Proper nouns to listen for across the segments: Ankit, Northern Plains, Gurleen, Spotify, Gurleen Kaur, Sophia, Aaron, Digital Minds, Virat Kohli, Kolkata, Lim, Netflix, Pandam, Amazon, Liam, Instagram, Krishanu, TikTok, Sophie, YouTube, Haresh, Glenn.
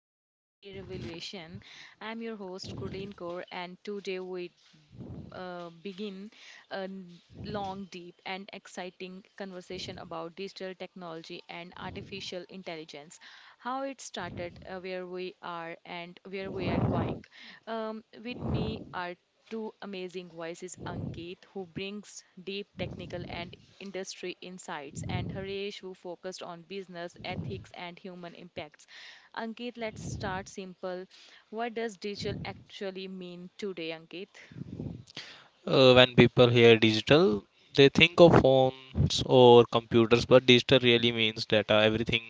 the AI revolution. I'm your host Gurleen Kaur and today we begin a n- long, deep, and exciting conversation about digital technology and artificial intelligence, how it started, where we are, and where we are going. With me are two amazing voices Ankit, who brings deep technical and industry insights, and Haresh, who focused on business, ethics, and human impacts. Ankit, let's start simple. What does digital actually mean today, Ankit? When people hear digital, they think of phones or computers, but digital really means data. Everything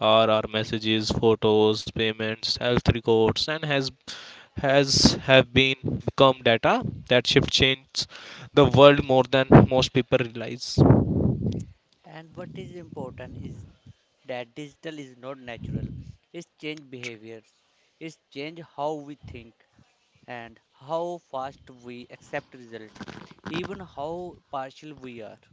are our messages, photos, payments, health records and has have been become data. That shift changed the world more than most people realize. And what is important is that digital is not natural. It's change behaviors. It's change how we think and how fast we accept result, even how partial we are.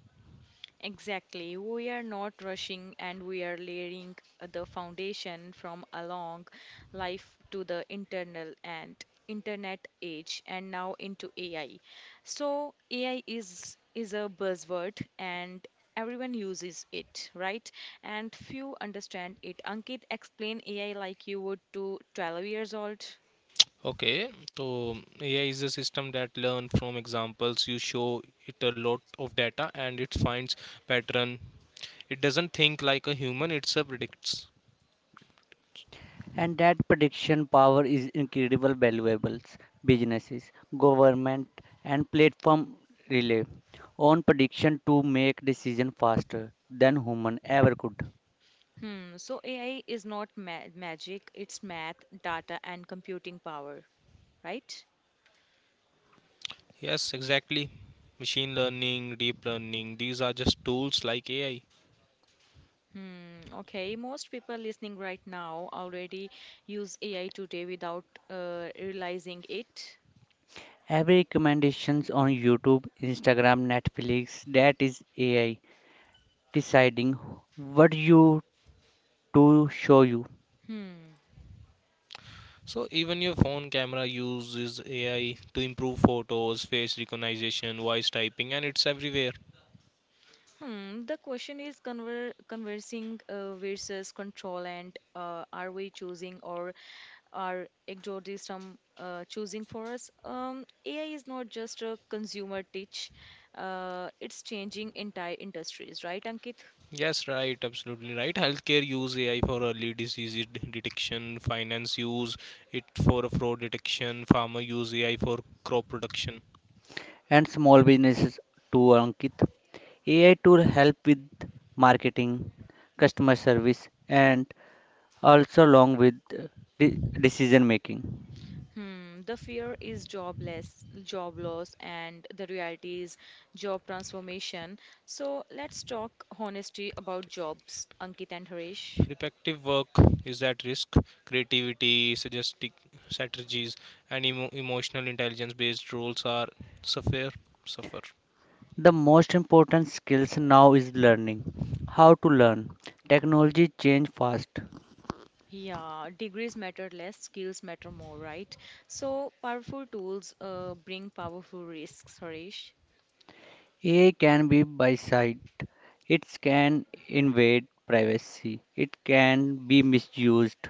Exactly. We are not rushing and we are layering the foundation from a long life to the internal and internet age and now into AI. So AI is a buzzword and everyone uses it, right? And few understand it. Ankit, explain AI like you would to 12 years old. Okay, so AI is a system that learn from examples. You show it a lot of data and it finds pattern. It doesn't think like a human, it's a predicts. And that prediction power is incredible valuables, businesses, government and platform rely on prediction to make decision faster than human ever could. Hmm, so AI is not magic, it's math, data and computing power, right? Yes, exactly. Machine learning, deep learning, these are just tools like AI. Hmm, okay, most people listening right now already use AI today without realizing it. Every recommendations on YouTube, Instagram, Netflix, that is AI deciding what you to show you Hmm. So even your phone camera uses AI to improve photos, face recognition, voice typing, and it's everywhere. Hmm. The question is conversing versus control, and are we choosing or are exorcism choosing for us? AI is not just a consumer teach. Uh, it's changing entire industries, right, Ankit? Yes, right, absolutely right. Healthcare use AI for early disease detection, finance use it for fraud detection, farmer use AI for crop production. and small businesses to Ankit. AI tool help with marketing, customer service and also along with decision making. Hmm, the fear is jobless, job loss, and the reality is job transformation. So let's talk honesty about jobs, Ankit and Harish. Repetitive work is at risk. Creativity, suggestive strategies, and emotional intelligence based roles are suffer. suffer. The most important skills now is learning. How to learn. Technology change fast. Yeah, degrees matter less, skills matter more, right? So powerful tools bring powerful risks, Harish. AI can be by side. It can invade privacy. It can be misused.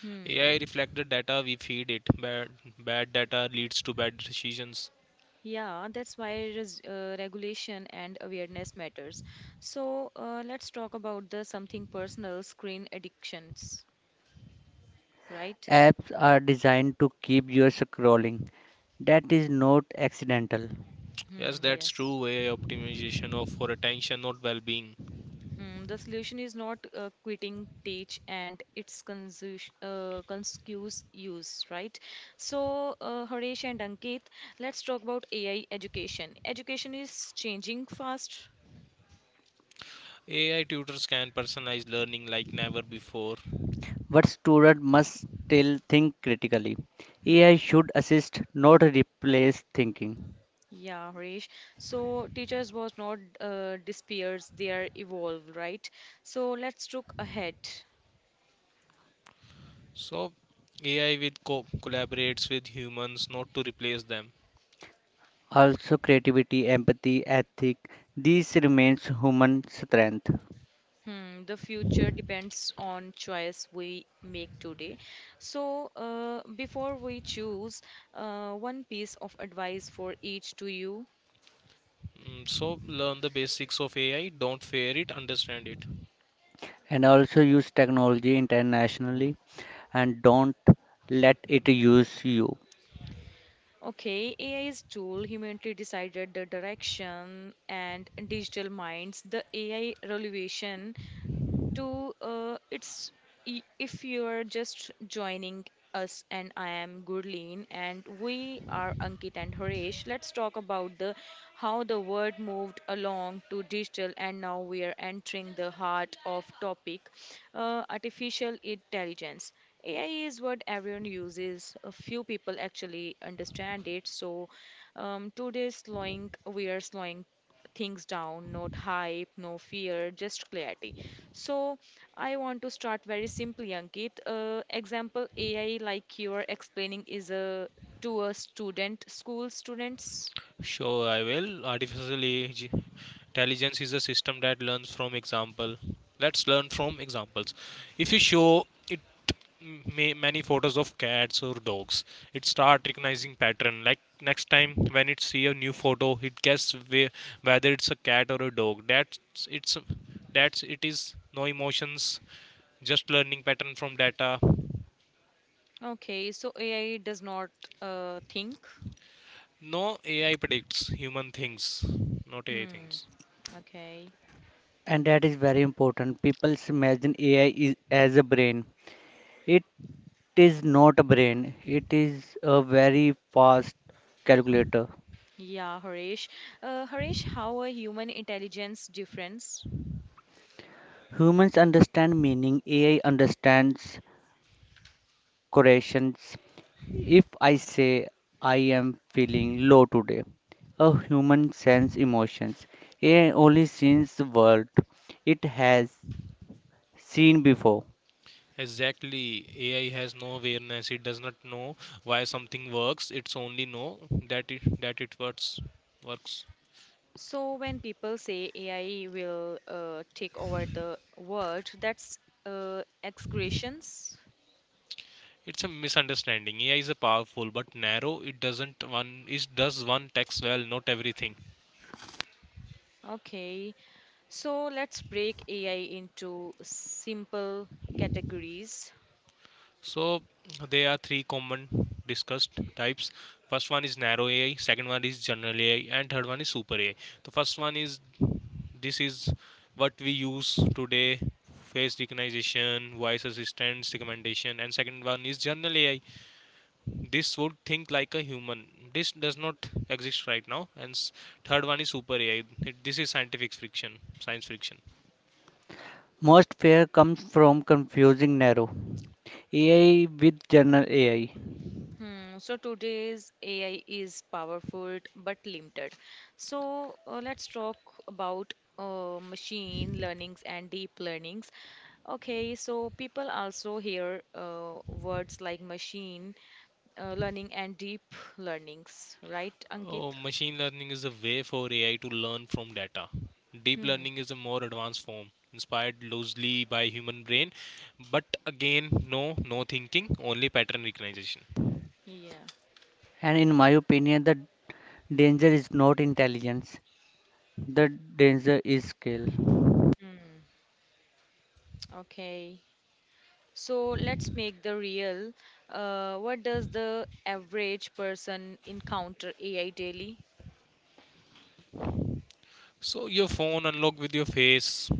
Hmm. AI reflects the data we feed it. Bad data leads to bad decisions. Yeah, that's why regulation and awareness matters. So let's talk about the something personal screen addictions, right? Apps are designed to keep you scrolling. That is not accidental. Yes, Hmm, that's yes. true. AI optimization of for attention, not well-being. Hmm, the solution is not quitting teach and its conscious use, right? So, Harish and Ankit, let's talk about AI education. Education is changing fast. AI tutors can personalize learning like never before. But students must still think critically. Hmm. AI should assist, not replace thinking. Yeah, Harish. So, teachers was not disappears; they are evolved, right? So, let's look ahead. So, AI with collaborates with humans, not to replace them. Also, creativity, empathy, ethic, these remains human strength. Hmm, the future depends on choice we make today. So, before we choose, one piece of advice for each to you. Mm, so learn the basics of AI. Don't fear it. Understand it. And also use technology internationally and don't let it use you. Okay, AI's tool humanly decided the direction and digital minds. The AI revolution to uh, it's if you are just joining us, and I am Gurleen and we are Ankit and Harish. Let's talk about the how the world moved along to digital and now we are entering the heart of topic, artificial intelligence. AI is what everyone uses a few people actually understand it. So today slowing we are slowing things down, not hype, no fear, just clarity. So I want to start very simply, Ankit. Example AI, like you are explaining, is a to a student, school students. Sure, I will. Artificial intelligence is a system that learns from example. Let's learn from examples. If you show it many photos of cats or dogs, it start recognizing pattern. Like next time when it see a new photo, it guess whether it's a cat or a dog. That's it's that's it is No emotions, just learning pattern from data. Okay, so AI does not think. No AI predicts human things, not AI Hmm. things. Okay. And that is very important. People imagine AI is, as a brain. It is not a brain. It is a very fast calculator. Yeah, Harish. Harish, how a human intelligence difference? Humans understand meaning. AI understands correlations. If I say I am feeling low today, a human sense emotions. AI only sees the world it has seen before. Exactly. AI has no awareness. It does not know why something works. It's only know that it works. So when people say AI will take over the world, that's exaggerations. It's a misunderstanding. AI is a powerful but narrow. It does one text well, not everything. Okay. So let's break AI into simple categories. So there are three common discussed types. First one is narrow AI, second one is general AI, and third one is super AI. The first one is this is what we use today: face recognition, voice assistance, recommendation, and second one is general AI. This would think like a human. This does not exist right now. And third one is super AI. This is scientific friction, science friction. Most fear comes from confusing narrow AI with general AI. Hmm, so today's AI is powerful but limited. So let's talk about machine learnings and deep learnings. Okay, so people also hear words like machine learning and deep learnings, right, Ankit? Oh, machine learning is a way for AI to learn from data. Deep Hmm. learning is a more advanced form, inspired loosely by human brain, but again, no thinking, only pattern recognition. Yeah. And in my opinion, the danger is not intelligence, the danger is skill. Hmm. Okay. So let's make the real. What does the average person encounter AI daily? So your phone unlock with your face,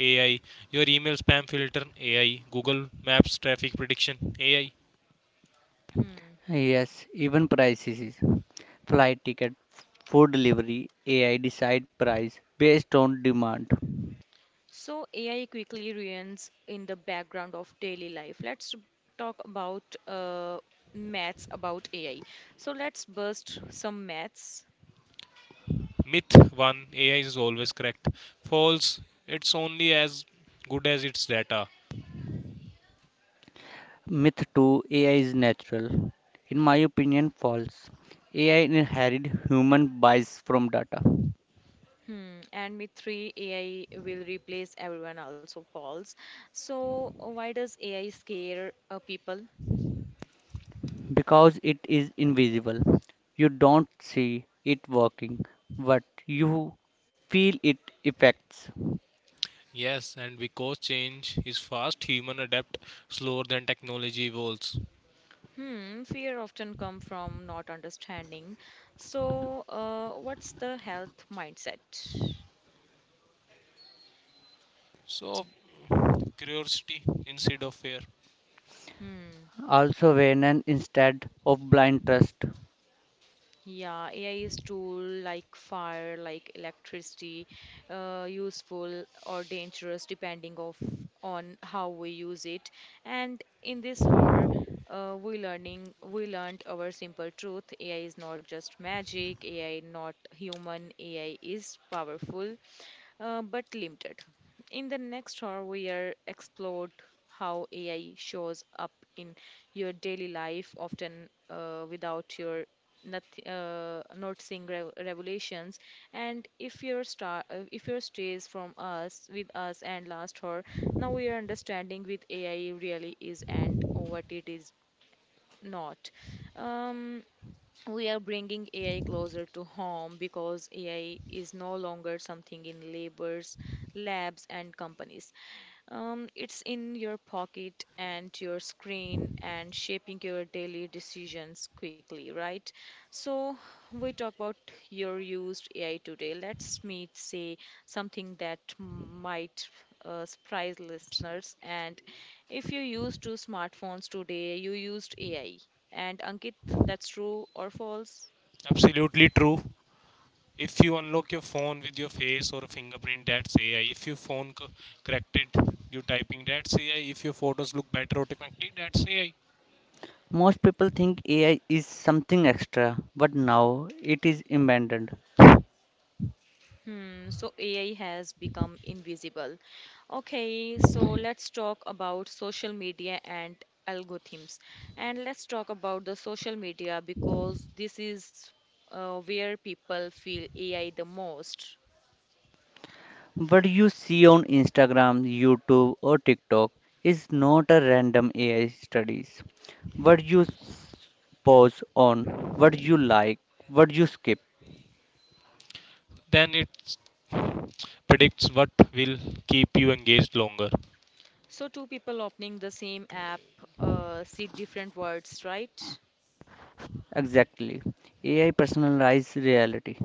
AI, your email spam filter, AI, Google Maps traffic prediction, AI. Hmm. Yes, even prices, flight ticket, food delivery, AI decide price based on demand. So AI quickly ruins in the background of daily life. Let's talk about maths about AI. So let's burst some maths. Myth 1, AI is always correct. False, it's only as good as its data. Myth 2, AI is natural. In my opinion, false. AI inherit human bias from data. Hmm. And myth three, AI will replace everyone. Also false. So why does AI scare people? Because it is invisible. You don't see it working, but you feel it effects. Yes, and because change is fast, human adapt slower than technology evolves. Hmm, fear often come from not understanding. So, what's the health mindset? So, curiosity instead of fear. Hmm. Also, awareness instead of blind trust. Yeah, AI is tool like fire, like electricity, useful or dangerous depending of on how we use it. And in this hour, we learned our simple truth. AI is not just magic. AI not human. AI is powerful but limited. In the next hour, we are explored how AI shows up in your daily life, often without your nothing, noticing revelations. And if your star, if your stays from us with us and last hour, now we are understanding with AI really is and what it is not. Um, we are bringing AI closer to home because AI is no longer something in labors, labs, and companies. It's in your pocket and your screen and shaping your daily decisions quickly, right? So, we talk about your used AI today. Let's meet, say, something that might surprise listeners. And if you used two smartphones today, you used AI. And Ankit, that's true or false? Absolutely true. If you unlock your phone with your face or a fingerprint, that's AI. If your phone corrected you typing, that's AI. If your photos look better automatically, that's AI. Most people think AI is something extra, but now it is embedded. Hmm, so AI has become invisible. Okay, so let's talk about social media and algorithms. And let's talk about the social media because this is where people feel AI the most. What you see on Instagram, YouTube, or TikTok is not a random AI studies. What you pause on, what you like, what you skip. Then it predicts what will keep you engaged longer. So, two people opening the same app see different words, right? Exactly. AI personalized reality.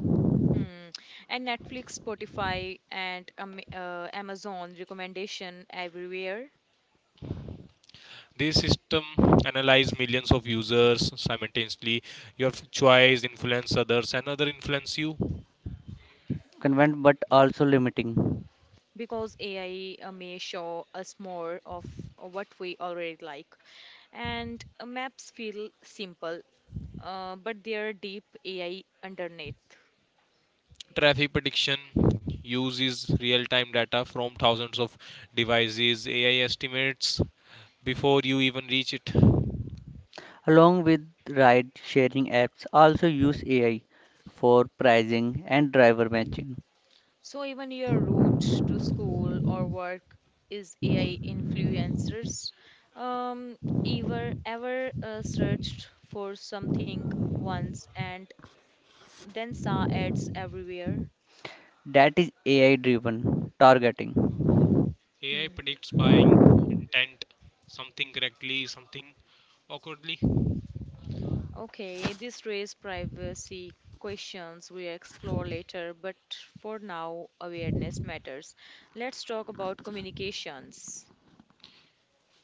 Hmm. And Netflix, Spotify, and Amazon recommendation everywhere. This system analyze millions of users simultaneously. Your choice influence others and other influence you. Convenient but also limiting. Because AI may show us more of what we already like. And maps feel simple, but they are deep AI underneath. Traffic prediction uses real-time data from thousands of devices. AI estimates before you even reach it. Along with ride sharing apps also use AI for pricing and driver matching. So even your route to school or work is AI influencers. Um, ever searched for something once and then saw ads everywhere? That is AI driven targeting. AI Hmm. predicts by intent something correctly, something awkwardly. Okay, this raises privacy questions we explore later, but for now, awareness matters. Let's talk about communications.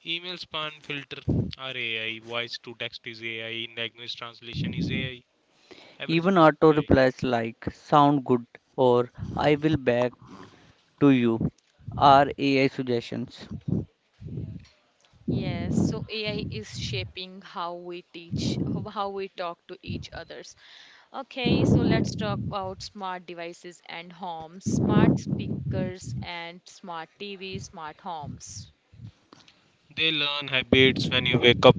Email spam filter are AI. Voice to text is AI. Language translation is AI. Everything Even is auto AI. replies like sound good or I will back to you are AI suggestions. Yes, so AI is shaping how we teach, how we talk to each others. Okay, so let's talk about smart devices and homes, smart speakers and smart TV, smart homes. They learn habits when you wake up,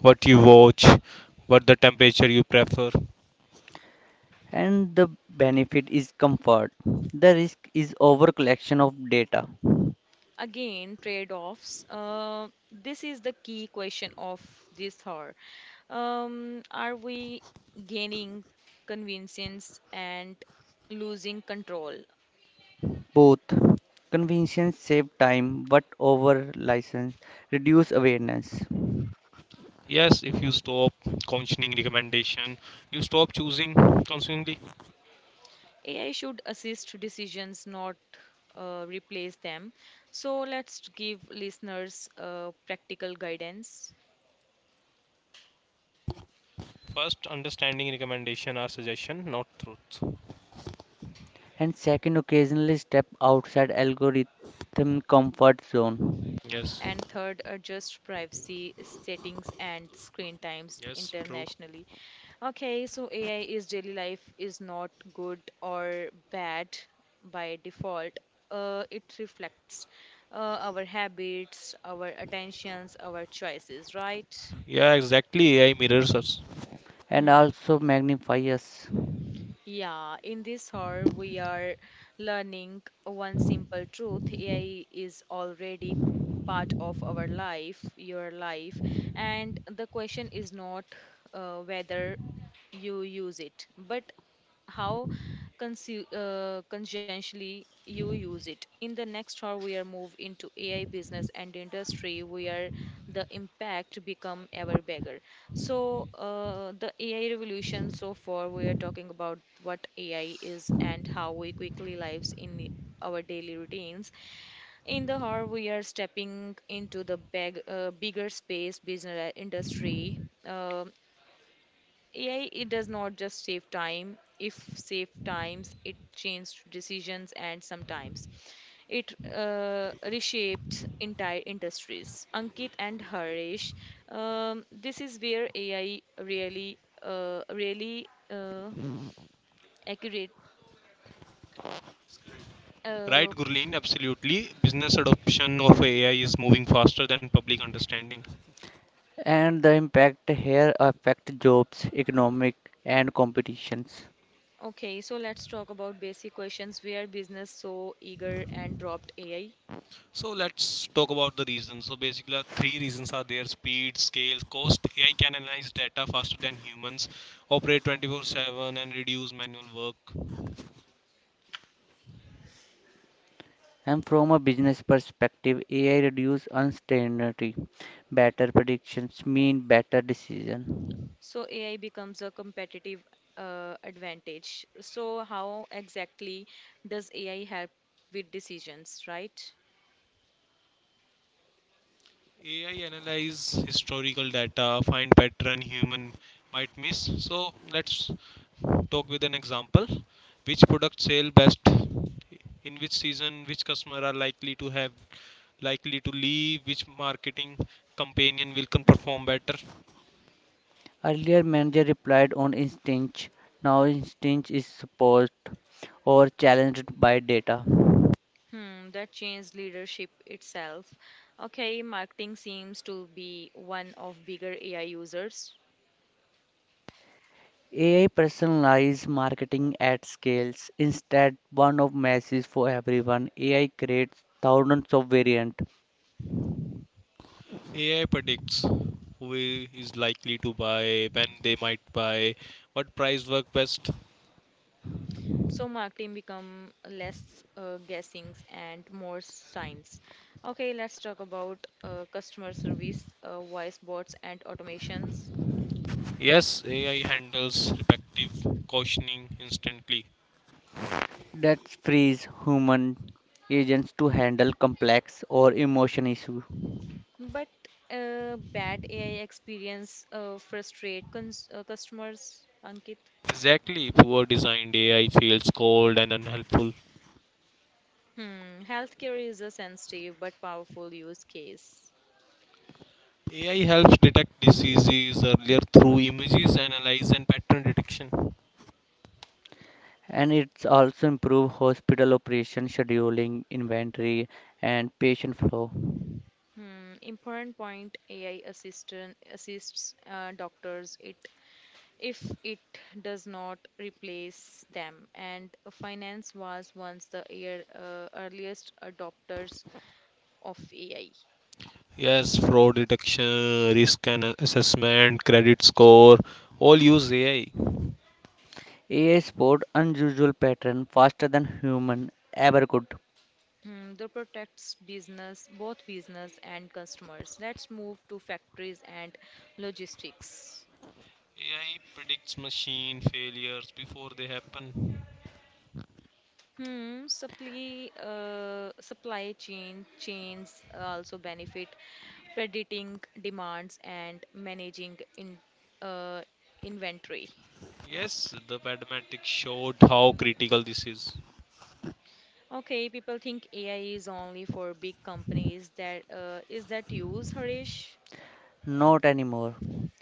what you watch, what the temperature you prefer. And the benefit is comfort. The risk is over collection of data. Again, trade-offs. This is the key question of this hour. Are we gaining convenience and losing control? Both conventions save time but over license reduce awareness. Yes, if you stop consuming recommendation, you stop choosing consumingly. AI should assist decisions, not replace them. So let's give listeners practical guidance. First, understanding recommendation or suggestion, not truth. And second, occasionally step outside algorithm comfort zone Yes, And third, adjust privacy settings and screen times yes, true. internationally. Okay, so AI is daily life is not good or bad by default. Uh, it reflects uh, our habits, our attentions, our choices, right? Yeah, exactly. AI mirrors us. and Hmm. also magnify us. Yeah, in this hour, we are learning one simple truth. AI is already part of our life, your life, and the question is not whether you use it, but how conscientiously you use it. In the next hour, we are move into AI business and industry where the impact become ever bigger. So, the AI revolution so far, we are talking about what AI is and how we quickly lives in our daily routines. In the hour, we are stepping into the big, bigger space business industry. Um AI, it does not just save time. If save times, it changed decisions and sometimes it reshaped entire industries. Ankit and Harish, this is where AI really, accurate. Right, Uh, Gurleen, absolutely. Business adoption of AI is moving faster than public understanding. And the impact here affect jobs, economic and competitions. okay, so let's talk about basic questions. Where business so eager and dropped AI? So let's talk about the reasons. So basically, three reasons are there: speed, scale, cost. AI can analyze data faster than humans, operate 24/7, and reduce manual work. And from a business perspective, AI reduce uncertainty. Better predictions mean better decision. So AI becomes a competitive advantage. So how exactly does AI help with decisions, right? AI analyze historical data, find pattern human might miss. So let's talk with an example. Which product sell best? In which season? Which customer are likely to leave? Which marketing companion will can perform better? Earlier manager replied on instinct, now instinct is suppressed or challenged by data. Hmm, that changed leadership itself. Okay, marketing seems to be one of bigger AI users. AI personalized marketing at scales instead one of masses for everyone. AI creates thousands of variants AI predicts who is likely to buy, when they might buy, what price work best. So marketing become less guessings and more science. Okay, let's talk about customer service, voice bots and automations. Yes, AI handles repetitive cautioning instantly. that frees human agents to handle complex or emotion issues. But bad AI experience frustrate customers, Ankit. Exactly, poor designed AI feels cold and unhelpful. Hmm, healthcare is a sensitive but powerful use case. AI helps detect diseases earlier through images analysis and pattern detection. And it's also improved hospital operation scheduling, inventory, and patient flow. Hmm, important point AI assistant assists doctors it if it does not replace them. And finance was once the earliest adopters of AI. Yes, fraud detection, risk and assessment, credit score, all use AI. AI sport unusual pattern faster than human ever could. Hmm, that protects business both business and customers. Let's move to factories and logistics. AI predicts machine failures before they happen. Hmm, supply chain chains, also benefit predicting demands and managing in uh, inventory. Yes, the Padmantic showed how critical this is. Okay, people think AI is only for big companies. That is that use, Harish? Not anymore.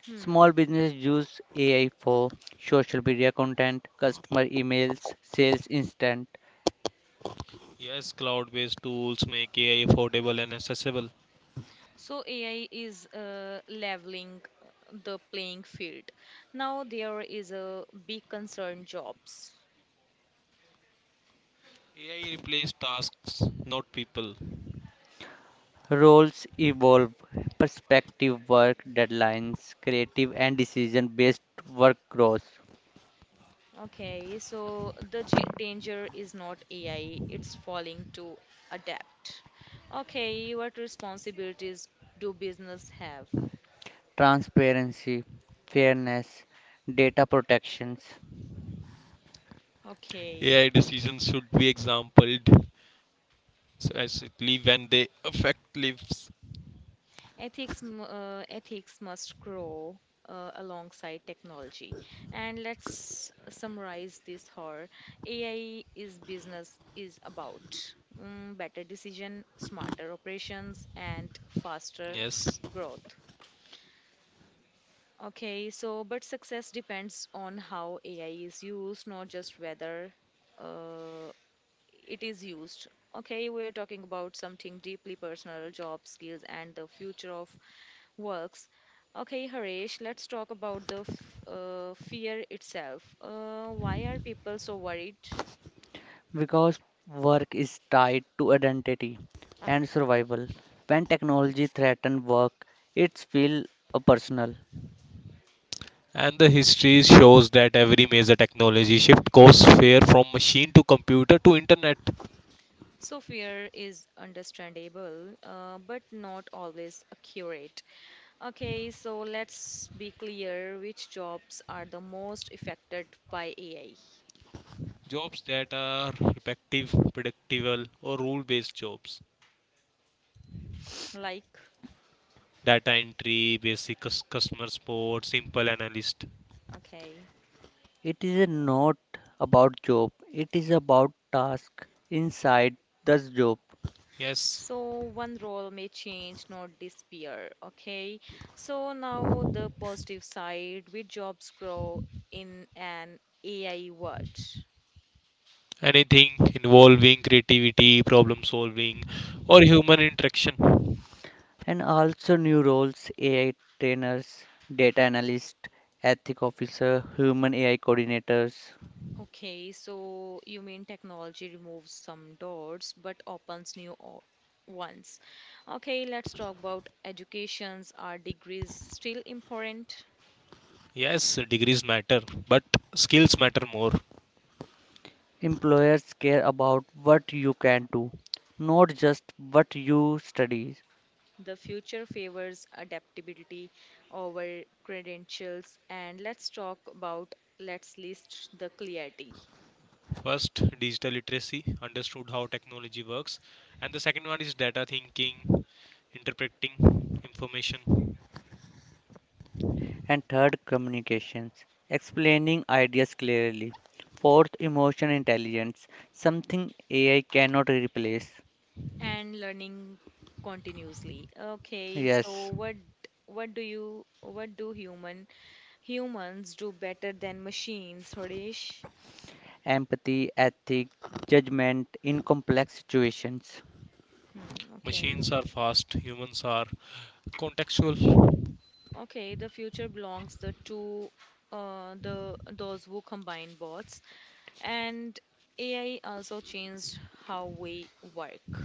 Hmm. Small businesses use AI for social media content, customer emails, sales instant. Yes, cloud based tools make AI affordable and accessible. So AI is leveling the playing field. Now there is a big concern jobs. AI replaces tasks, not people. Roles evolve, perspective work deadlines, creative and decision based work grows. Okay, so the danger is not AI, it's falling to adapt. Okay, what responsibilities do business have? Transparency, fairness, data protections. Okay, AI decisions should be exampled, especially when they affect lives. Ethics must grow alongside technology. And let's summarize this here. AI is business is about better decision, smarter operations, and faster Yes. growth. Okay, so but success depends on how AI is used, not just whether uh, it is used. Okay, we are talking about something deeply personal, job skills, and the future of works. Okay, Harish, let's talk about the fear itself. Why are people so worried? Because work is tied to identity and survival. When technology threatens work, it feels personal. And the history shows that every major technology shift goes fair from machine to computer to internet. So, fear is understandable, but not always accurate. Okay, so let's be clear which jobs are the most affected by AI. Jobs that are repetitive, predictable, or rule based jobs Like, data entry, basic customer support, simple analyst. okay. It is not about job. It is about task inside the job. Yes, So one role may change, not disappear. Okay. So now the positive side, which jobs grow in an AI world? anything involving creativity, problem solving, or human interaction. And also new roles, AI trainers, data analysts, ethic officer, human AI coordinators. Okay, so you mean technology removes some doors but opens new ones. Okay, let's talk about educations. Are degrees still important? Yes, degrees matter, but skills matter more. Employers care about what you can do, not just what you study. The future favors adaptability over credentials, and let's talk about let's list the clarity First, digital literacy, understood how technology works, and the second one is data thinking, interpreting information. And third, communications, explaining ideas clearly. Fourth, emotion intelligence, something AI cannot replace. and learning continuously. Okay, so Yes. What do you what do human humans do better than machines, Hodesh? Empathy, ethic, judgment in complex situations. Hmm, okay. Machines are fast, humans are contextual. Okay, the future belongs the to the those who combine bots and AI also changed how we work.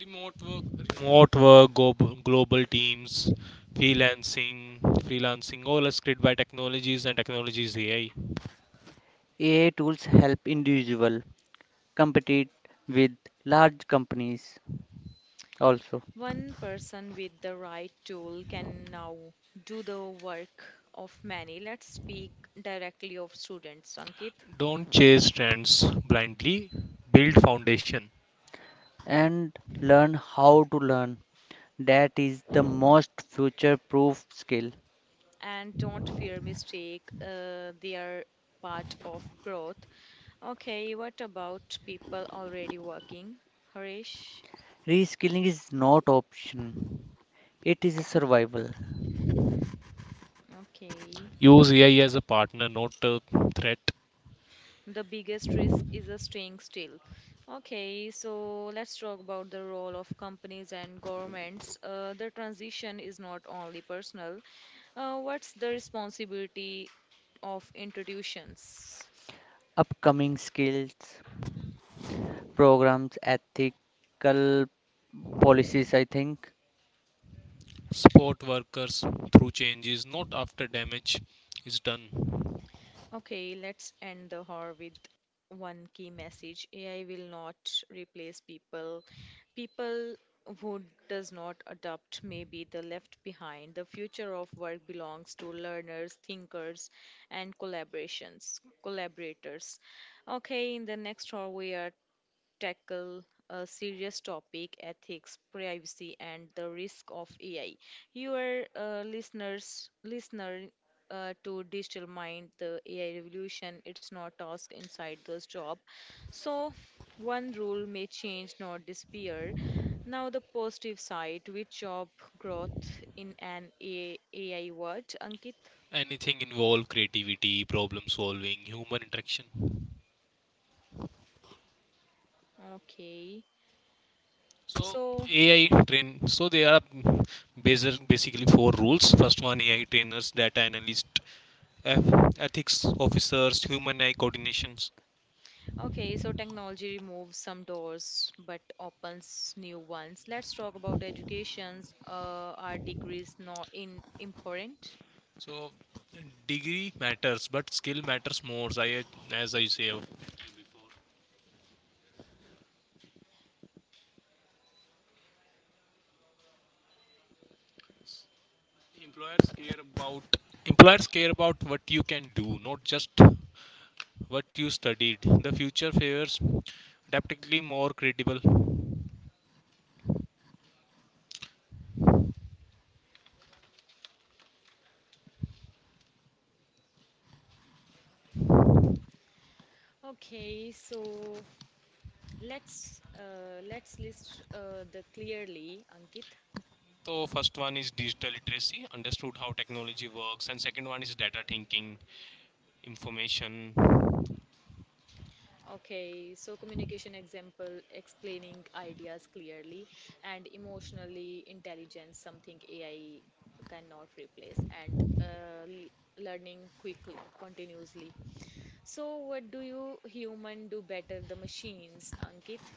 Remote work, remote work, global teams, freelancing, freelancing, all is created by technologies and technologies AI. AI tools help individual compete with large companies also. One person with the right tool can now do the work of many. Let's speak directly of students, Ankit, Don't chase trends blindly. Build foundation. And learn how to learn, that is the most future proof skill. and don't fear mistake. They are part of growth. Okay, what about people already working? Harish. Reskilling is not option, it is a survival. Okay. Use AI as a partner, not a threat. The biggest risk is a staying still. Okay, so let's talk about the role of companies and governments. The transition is not only personal. What's the responsibility of institutions? Upcoming skills, programs, ethical policies, I think. Support workers through changes, not after damage is done. Okay, let's end the hour with one key message. AI will not replace people. People who does not adopt may be the left behind. The future of work belongs to learners, thinkers, and collaborations collaborators. Okay, in the next hour we are tackle a serious topic: ethics, privacy, and the risk of AI. Your listener to Digital Mind, the AI revolution. It's not task inside this job. So, one rule may change, not disappear. Now, the positive side with job growth in an AI world, Ankit. Anything involve creativity, problem solving, human interaction. Okay. So So, AI train. So there are basically four rules. First one, AI trainers, data analyst, ethics officers, human AI coordinations. Okay, so technology removes some doors but opens new ones. Let's talk about educations. Are degrees not in important? So degree matters, but skill matters more. As I say before, employers care about employers care about what you can do, not just what you studied. The future favors definitely more credible. Okay, so let's list the clearly, Ankit. So first one is digital literacy, understood how technology works, and second one is data thinking, information, Okay, so communication example, explaining ideas clearly, and emotionally intelligence, something AI cannot replace, and learning quickly, continuously. So, what do you human do better, the machines, Ankit?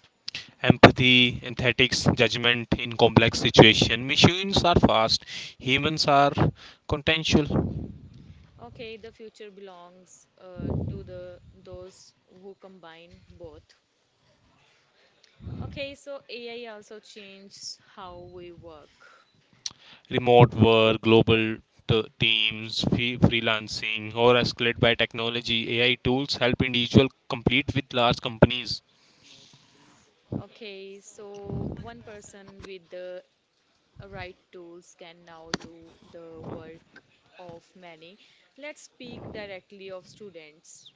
empathy, ethics, judgment in complex situation. Machines are fast, humans are contentious. Okay, the future belongs to the those who combine both. Okay, so AI also changes how we work. Remote work, global teams, freelancing, or escalated by technology. AI tools help individual compete with large companies. Okay, so one person with the right tools can now do the work of many. Let's speak directly of students.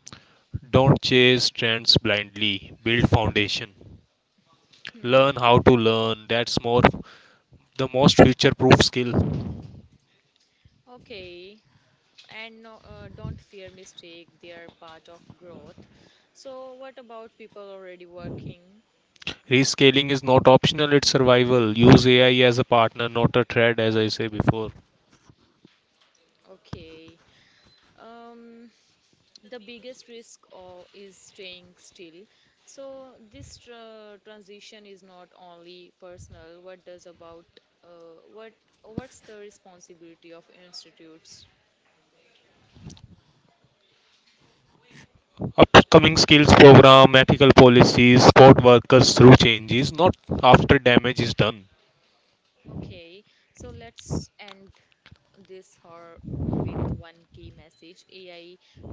Don't chase trends blindly. Build foundation. Hmm. Learn how to learn. That's more the most future proof skill. Okay. And no, don't fear mistake, they are part of growth. So what about people already working? Rescaling is not optional, it's survival. Use AI as a partner, not a threat, as I say before. Okay. Um the biggest risk is staying still. So this transition is not only personal. What does about uh, what what's the responsibility of institutes? Upcoming skills program, ethical policies, support workers through changes, not after damage is done. Okay, so let's end this horror with one key message. AI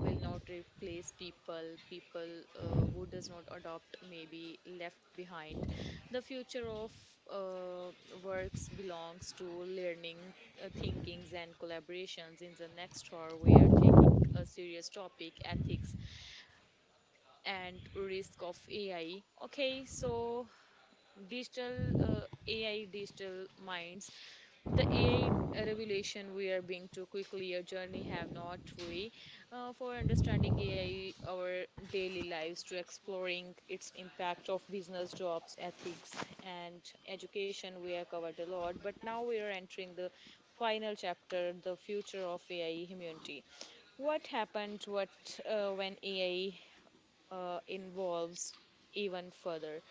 will not replace people. People who does not adopt may be left behind. The future of uh, works belongs to learning, thinkings, and collaborations. In the next hour, we are taking a serious topic: ethics and risk of AI. Okay, so digital uh, AI, digital minds, the AI revelation. We are being too quickly a journey, have not we, for understanding AI our daily lives, to exploring its impact of business, jobs, ethics, and education. We have covered a lot, but now we are entering the final chapter: the future of AI humanity. What happened, what when AI involves even further?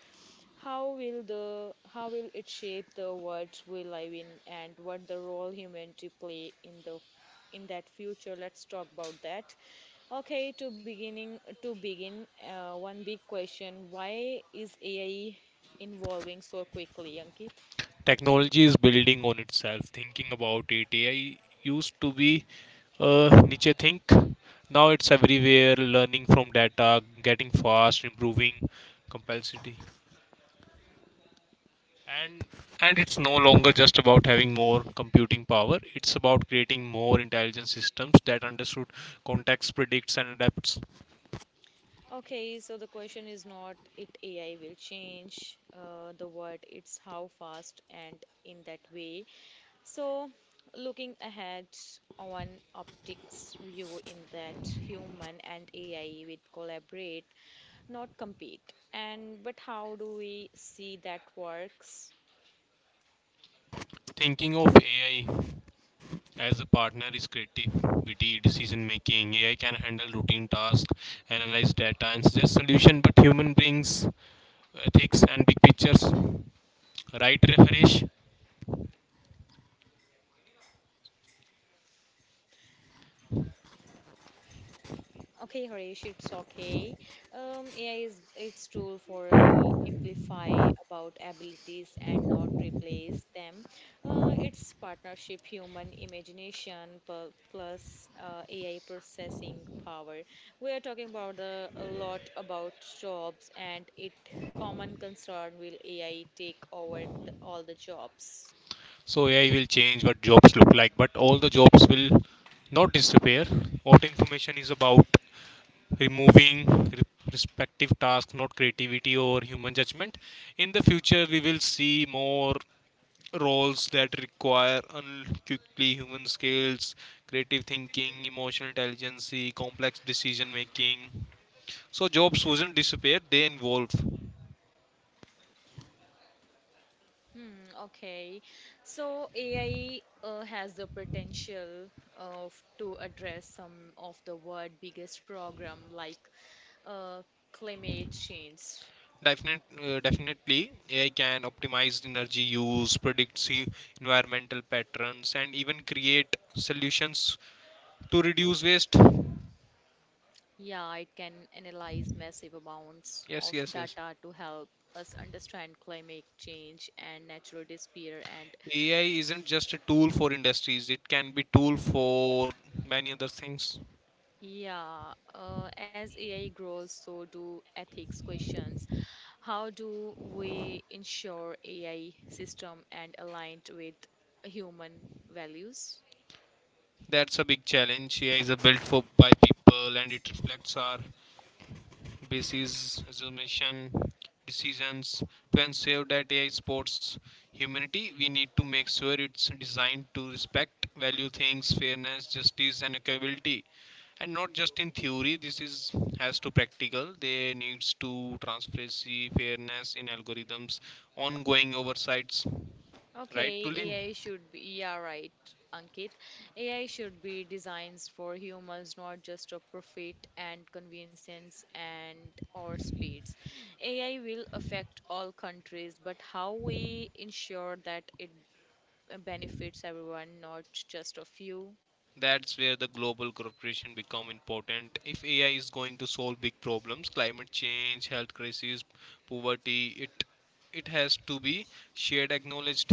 How will it shape the world we live in, and what the role humanity play in the in that future? Let's talk about that. Okay, to begin, one big question: why is AI evolving so quickly, Ankit? Technology is building on itself, thinking about it. AI used to be niche think. Now it's everywhere, learning from data, getting fast, improving complexity. and and it's no longer just about having more computing power. It's about creating more intelligent systems that understood context, predicts and adapts. Okay, so the question is not it AI will change the world, it's how fast and in that way. So, looking ahead on optics view in that human and AI will collaborate, not compete. And but how do we see that works? Thinking of AI as a partner is creativity decision making. AI can handle routine tasks, analyze data, and suggest solution, but human brings ethics and big pictures, right, Harish? Okay, Harish, it's okay. AI is its tool for amplify about abilities and not replace them. It's partnership, human imagination plus AI processing power. We are talking about the, a lot about jobs, and it common concern: will AI take over the, all the jobs. So AI will change what jobs look like, but all the jobs will not disappear. What information is about removing re- respective tasks, not creativity or human judgment. In the future, we will see more roles that require unquickly human skills, creative thinking, emotional intelligence, complex decision making. So jobs wouldn't disappear; they evolve. Hmm, okay. So AI has the potential of to address some of the world biggest problem, like uh, climate change. Definitely, AI can optimize energy use, predict environmental patterns, and even create solutions to reduce waste. Yeah, it can analyze massive amounts Yes, of yes, yes. data to help us understand climate change and natural disappear. And AI isn't just a tool for industries, it can be tool for many other things. yeah, as AI grows, so do ethics questions. How do we ensure AI system and aligned with human values? That's a big challenge. AI is a built for by people and it reflects our basis, assumption, decisions. To ensure that AI supports humanity, we need to make sure it's designed to respect value things, fairness, justice and equality. And not just in theory, this is has to practical. There needs to transparency, fairness in algorithms, ongoing oversights. Right, Okay, Tulin? AI should be, yeah, right, Ankit. AI should be designed for humans, not just for profit and convenience and or speeds. AI will affect all countries, but how we ensure that it benefits everyone, not just a few? That's where the global cooperation become important. If AI is going to solve big problems, climate change, health crisis, poverty, it has to be shared, acknowledged,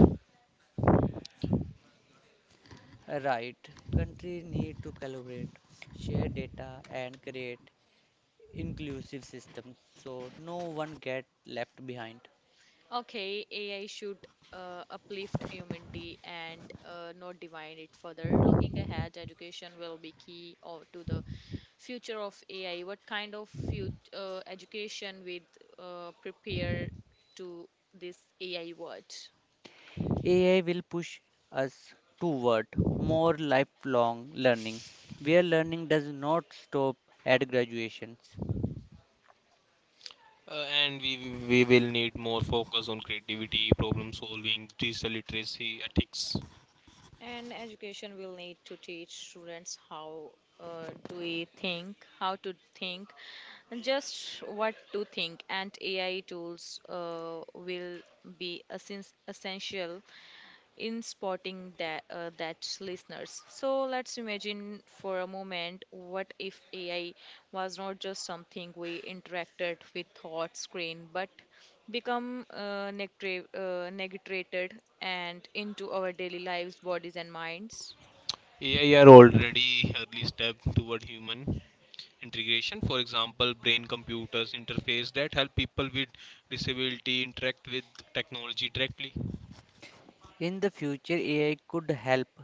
Right. Countries need to collaborate, share data, and create inclusive systems so no one gets left behind. Okay, AI should uplift humanity and not divide it further. Looking ahead, education will be key or to the future of AI. What kind of education would prepare to this AI world? AI will push us toward more lifelong learning, where learning does not stop at graduations. and we will need more focus on creativity, problem solving, digital literacy, ethics. And education will need to teach students how to think, and just what to think. And AI tools will be essential in spotting that that's listeners. So let's imagine for a moment: what if AI was not just something we interacted with thought screen, but become negative negated and into our daily lives, bodies, and minds? AI are already early step toward human integration, for example brain computers interface that help people with disability interact with technology directly. In the future, AI could help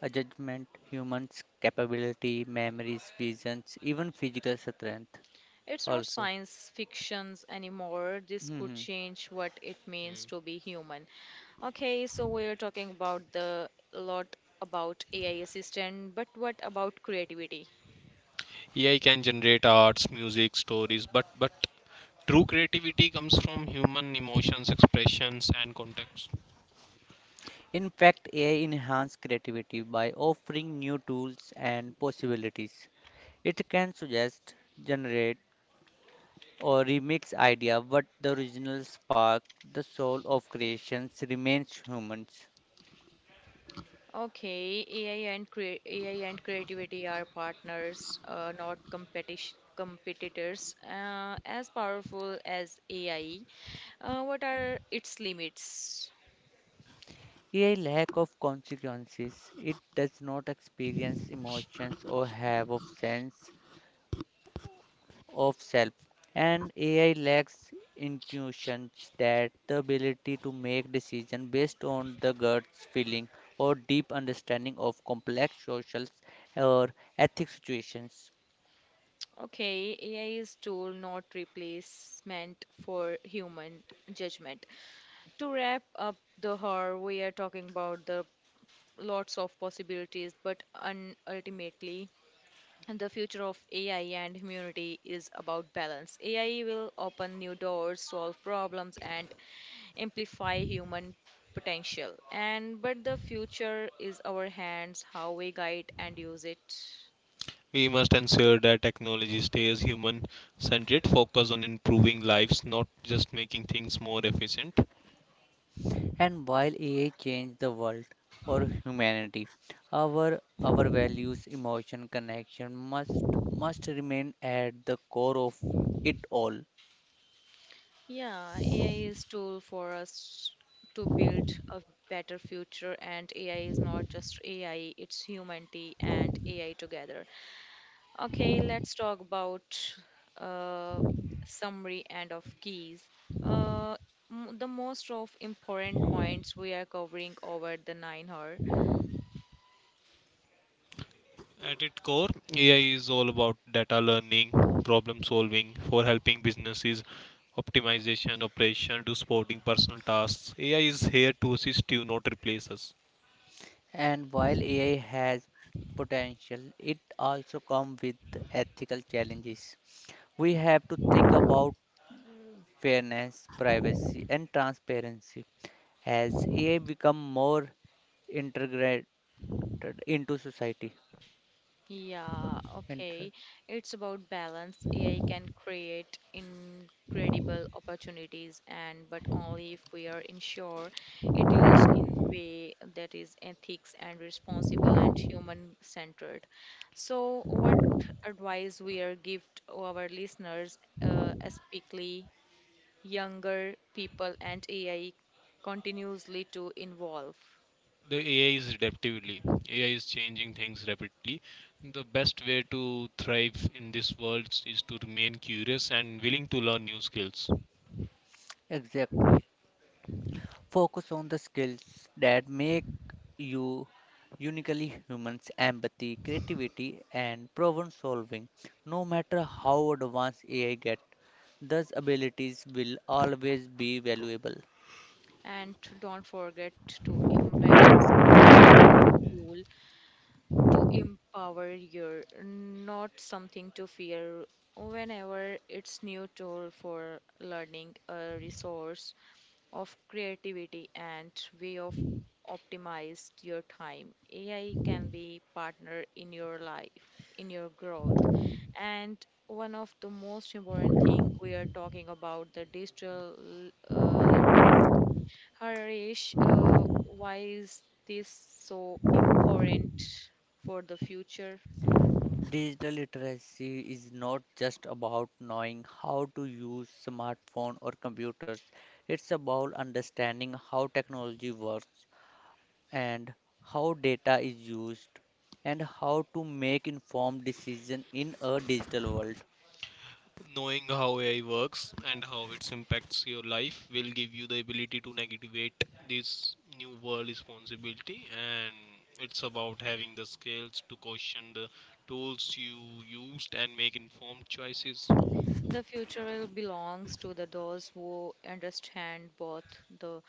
A judgment, humans' capability, memories, visions, even physical strength It's not also. science fictions anymore. This could Mhm. change what it means to be human. Okay, so we're talking about the a lot about AI assistant, but what about creativity? AI can generate arts, music, stories, but true creativity comes from human emotions, expressions, and context. In fact, AI enhances creativity by offering new tools and possibilities. It can suggest, generate, or remix idea, but the original spark, the soul of creations remains humans. Okay, AI and creativity are partners, not competition competitors. As powerful as AI, what are its limits? AI lack of consequences. It does not experience emotions or have of sense of self, and AI lacks intuitions that the ability to make decisions based on the gut's feeling or deep understanding of complex social or ethic situations. Okay, AI is tool, not replacement for human judgment. To wrap up the horror, we are talking about the lots of possibilities, but ultimately. And the future of AI and humanity is about balance. AI will open new doors, solve problems, and amplify human potential. And but the future is our hands, how we guide and use it. We must ensure that technology stays human centered, focus on improving lives, not just making things more efficient. And while AI changed the world or humanity, our values, emotion, connection must remain at the core of it all. Yeah, AI is tool for us to build a better future, and AI is not just AI; it's humanity and AI together. Okay, let's talk about uh, summary and of keys. Uh, the most of important points we are covering over the 9 hour. At its core, AI is all about data learning, problem solving, for helping businesses, optimization, operation, to supporting personal tasks. AI is here to assist you, not replace us. And while AI has potential, it also comes with ethical challenges. We have to think about fairness, privacy, and transparency as AI become more integrated into society. Yeah, Inter- okay. It's about balance. AI can create incredible opportunities, and but only if we are ensure it used in way that is ethics and responsible and human centered. So what advice we are give to our listeners, especially younger people and AI continuously to involve, The AI is adaptively. AI is changing things rapidly. The best way to thrive in this world is to remain curious and willing to learn new skills. Exactly. Focus on the skills that make you uniquely humans empathy, creativity, and problem solving. No matter how advanced AI get, those abilities will always be valuable. and don't forget to embrace AI as a tool to empower you, not something to fear. Whenever it's new tool for learning, a resource of creativity, and way of optimized your time. AI can be partner in your life, in your growth. And one of the most important thing we are talking about the digital literacy, Harish. Why is this so important for the future? Digital literacy is not just about knowing how to use smartphone or computers. It's about understanding how technology works and how data is used and how to make informed decision in a digital world. Knowing how AI works and how it impacts your life will give you the ability to navigate this new world responsibility, and it's about having the skills to question the tools you used and make informed choices. The future will belongs to the those who understand both the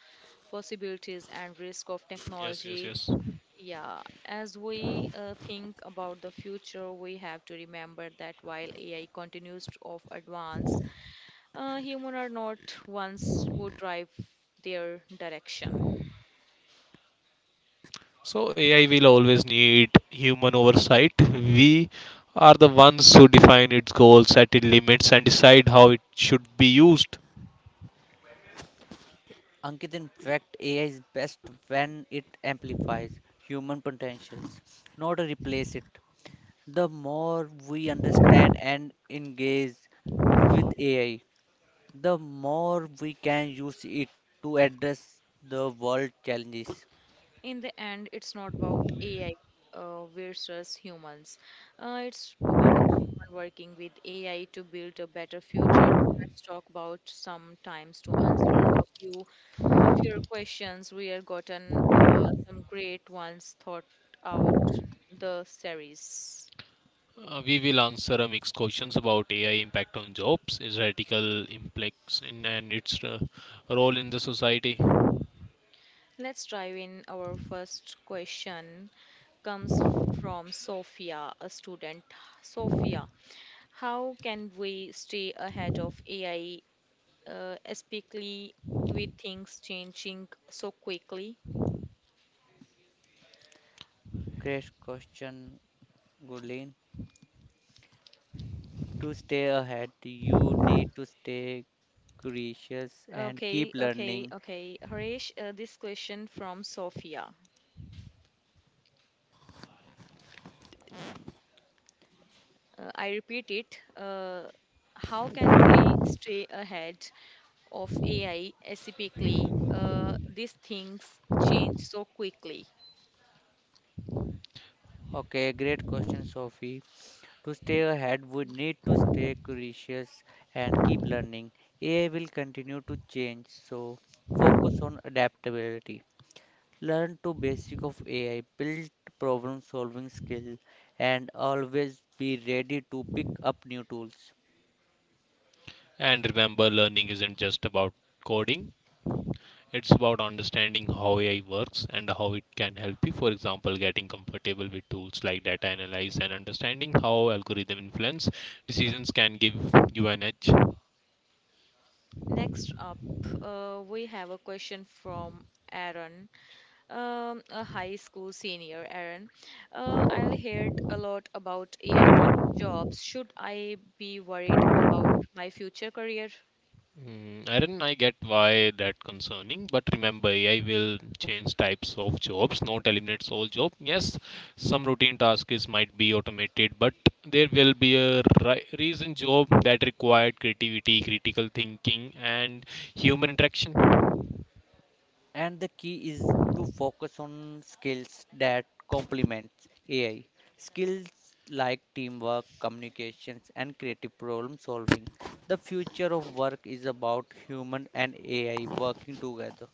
possibilities and risk of Yes, yes, technology. yes. Yeah, as we think about the future, we have to remember that while AI continues to of advance, human are not ones who drive their direction. So AI will always need human oversight. We are the ones who define its goals, set its limits, and decide how it should be used. Ankit, in fact, AI is best when it amplifies human potentials, not replace it. The more we understand and engage with AI, the more we can use it to address the world challenges. In the end, it's not about AI versus humans. It's about human working with AI to build a better future. Let's talk about some times to answer a few of your questions. We have gotten some great ones thought out the series. We will answer a mixed questions about AI impact on jobs, its radical impacts, and its role in the society. Let's dive in. Our first question comes from Sophia, a student. Sophia, how can we stay ahead of AI, especially with things changing so quickly? Great question, Gurleen. To stay ahead, you need to stay curious and Okay, keep okay, learning. okay. Harish, this question from Sophia. I repeat it. How can we stay ahead of AI, specifically these things change so quickly? Okay, great question, Sophie. To stay ahead, we need to stay curious and keep learning. AI will continue to change, so focus on adaptability. Learn to basic of AI, build problem solving skill, and always be ready to pick up new tools. And remember, learning isn't just about coding. It's about understanding how AI works and how it can help you, for example, getting comfortable with tools like data analyze and understanding how algorithm influence decisions can give you an edge. Next up, we have a question from Aaron. A high school senior, Aaron. I'll heard a lot about AI thinking jobs. Should I be worried about my future career? Mm, Aaron, I get why that concerning, but remember AI will change types of jobs, not eliminates all job. Yes, some routine tasks might be automated, but there will be a reason job that required creativity, critical thinking, and human interaction. And the key is to focus on skills that complements AI. Skills like teamwork, communications, and creative problem solving. The future of work is about human and AI working together.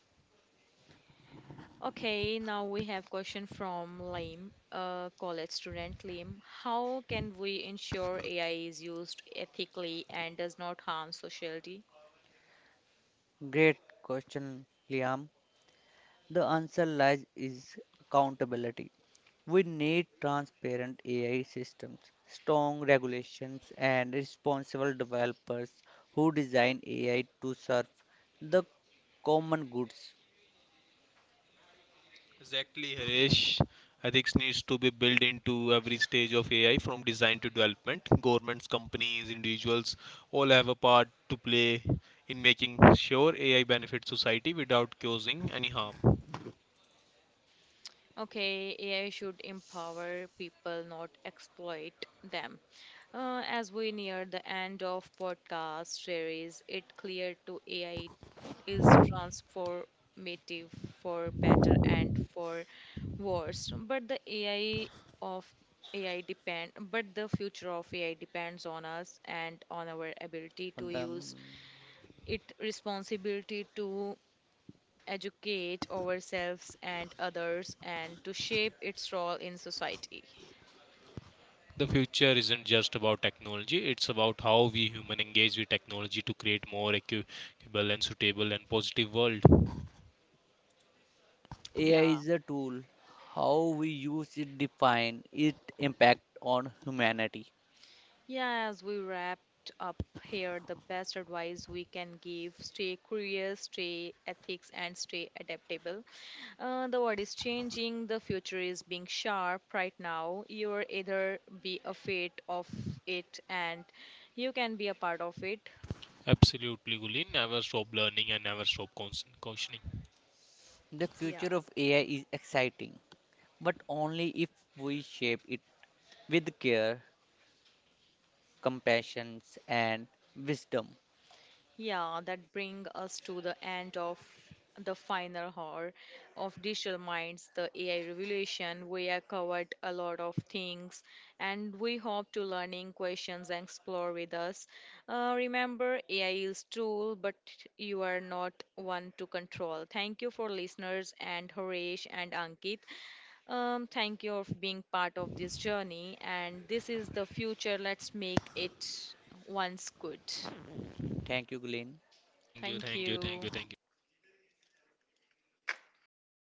Okay, now we have question from Lim, a college student. Lim, how can we ensure AI is used ethically and does not harm society? Great question, Liam. The answer lies is accountability. We need transparent AI systems, strong regulations, and responsible developers who design AI to serve the common goods. Exactly, Harish. Ethics needs to be built into every stage of AI from design to development. Governments, companies, individuals all have a part to play in making sure AI benefits society without causing any harm. Okay, AI should empower people, not exploit them. As we near the end of podcast series, it clear to AI is transformative for better and for worse. But the AI of AI depend, but the future of AI depends on us and on our ability to Pandam, use it responsibility to educate ourselves and others and to shape its role in society. The future isn't just about technology, it's about how we human engage with technology to create more equitable and suitable and positive world. AI Yeah. is a tool. How we use it define its impact on humanity. Yeah, as we wrapped up here, the best advice we can give: stay curious, stay ethics, and stay adaptable. The world is changing, the future is being sharp right now. You're either be afraid of it, and you can be a part of it. Absolutely, Gulin. Never stop learning and never stop cautioning. The Yeah. future of AI is exciting, but only if we shape it with care, compassion, and wisdom. Yeah, that brings us to the end of the final hour of Digital Minds, the AI revolution. We have covered a lot of things and we hope to learning questions and explore with us. Remember, AI is tool, but you are not one to control. Thank you for listeners and Horesh and Ankit. Thank you for being part of this journey and this is the future. Let's make it once good. Thank you, Glenn. Thank you, Thank thank you, thank you, you. thank you.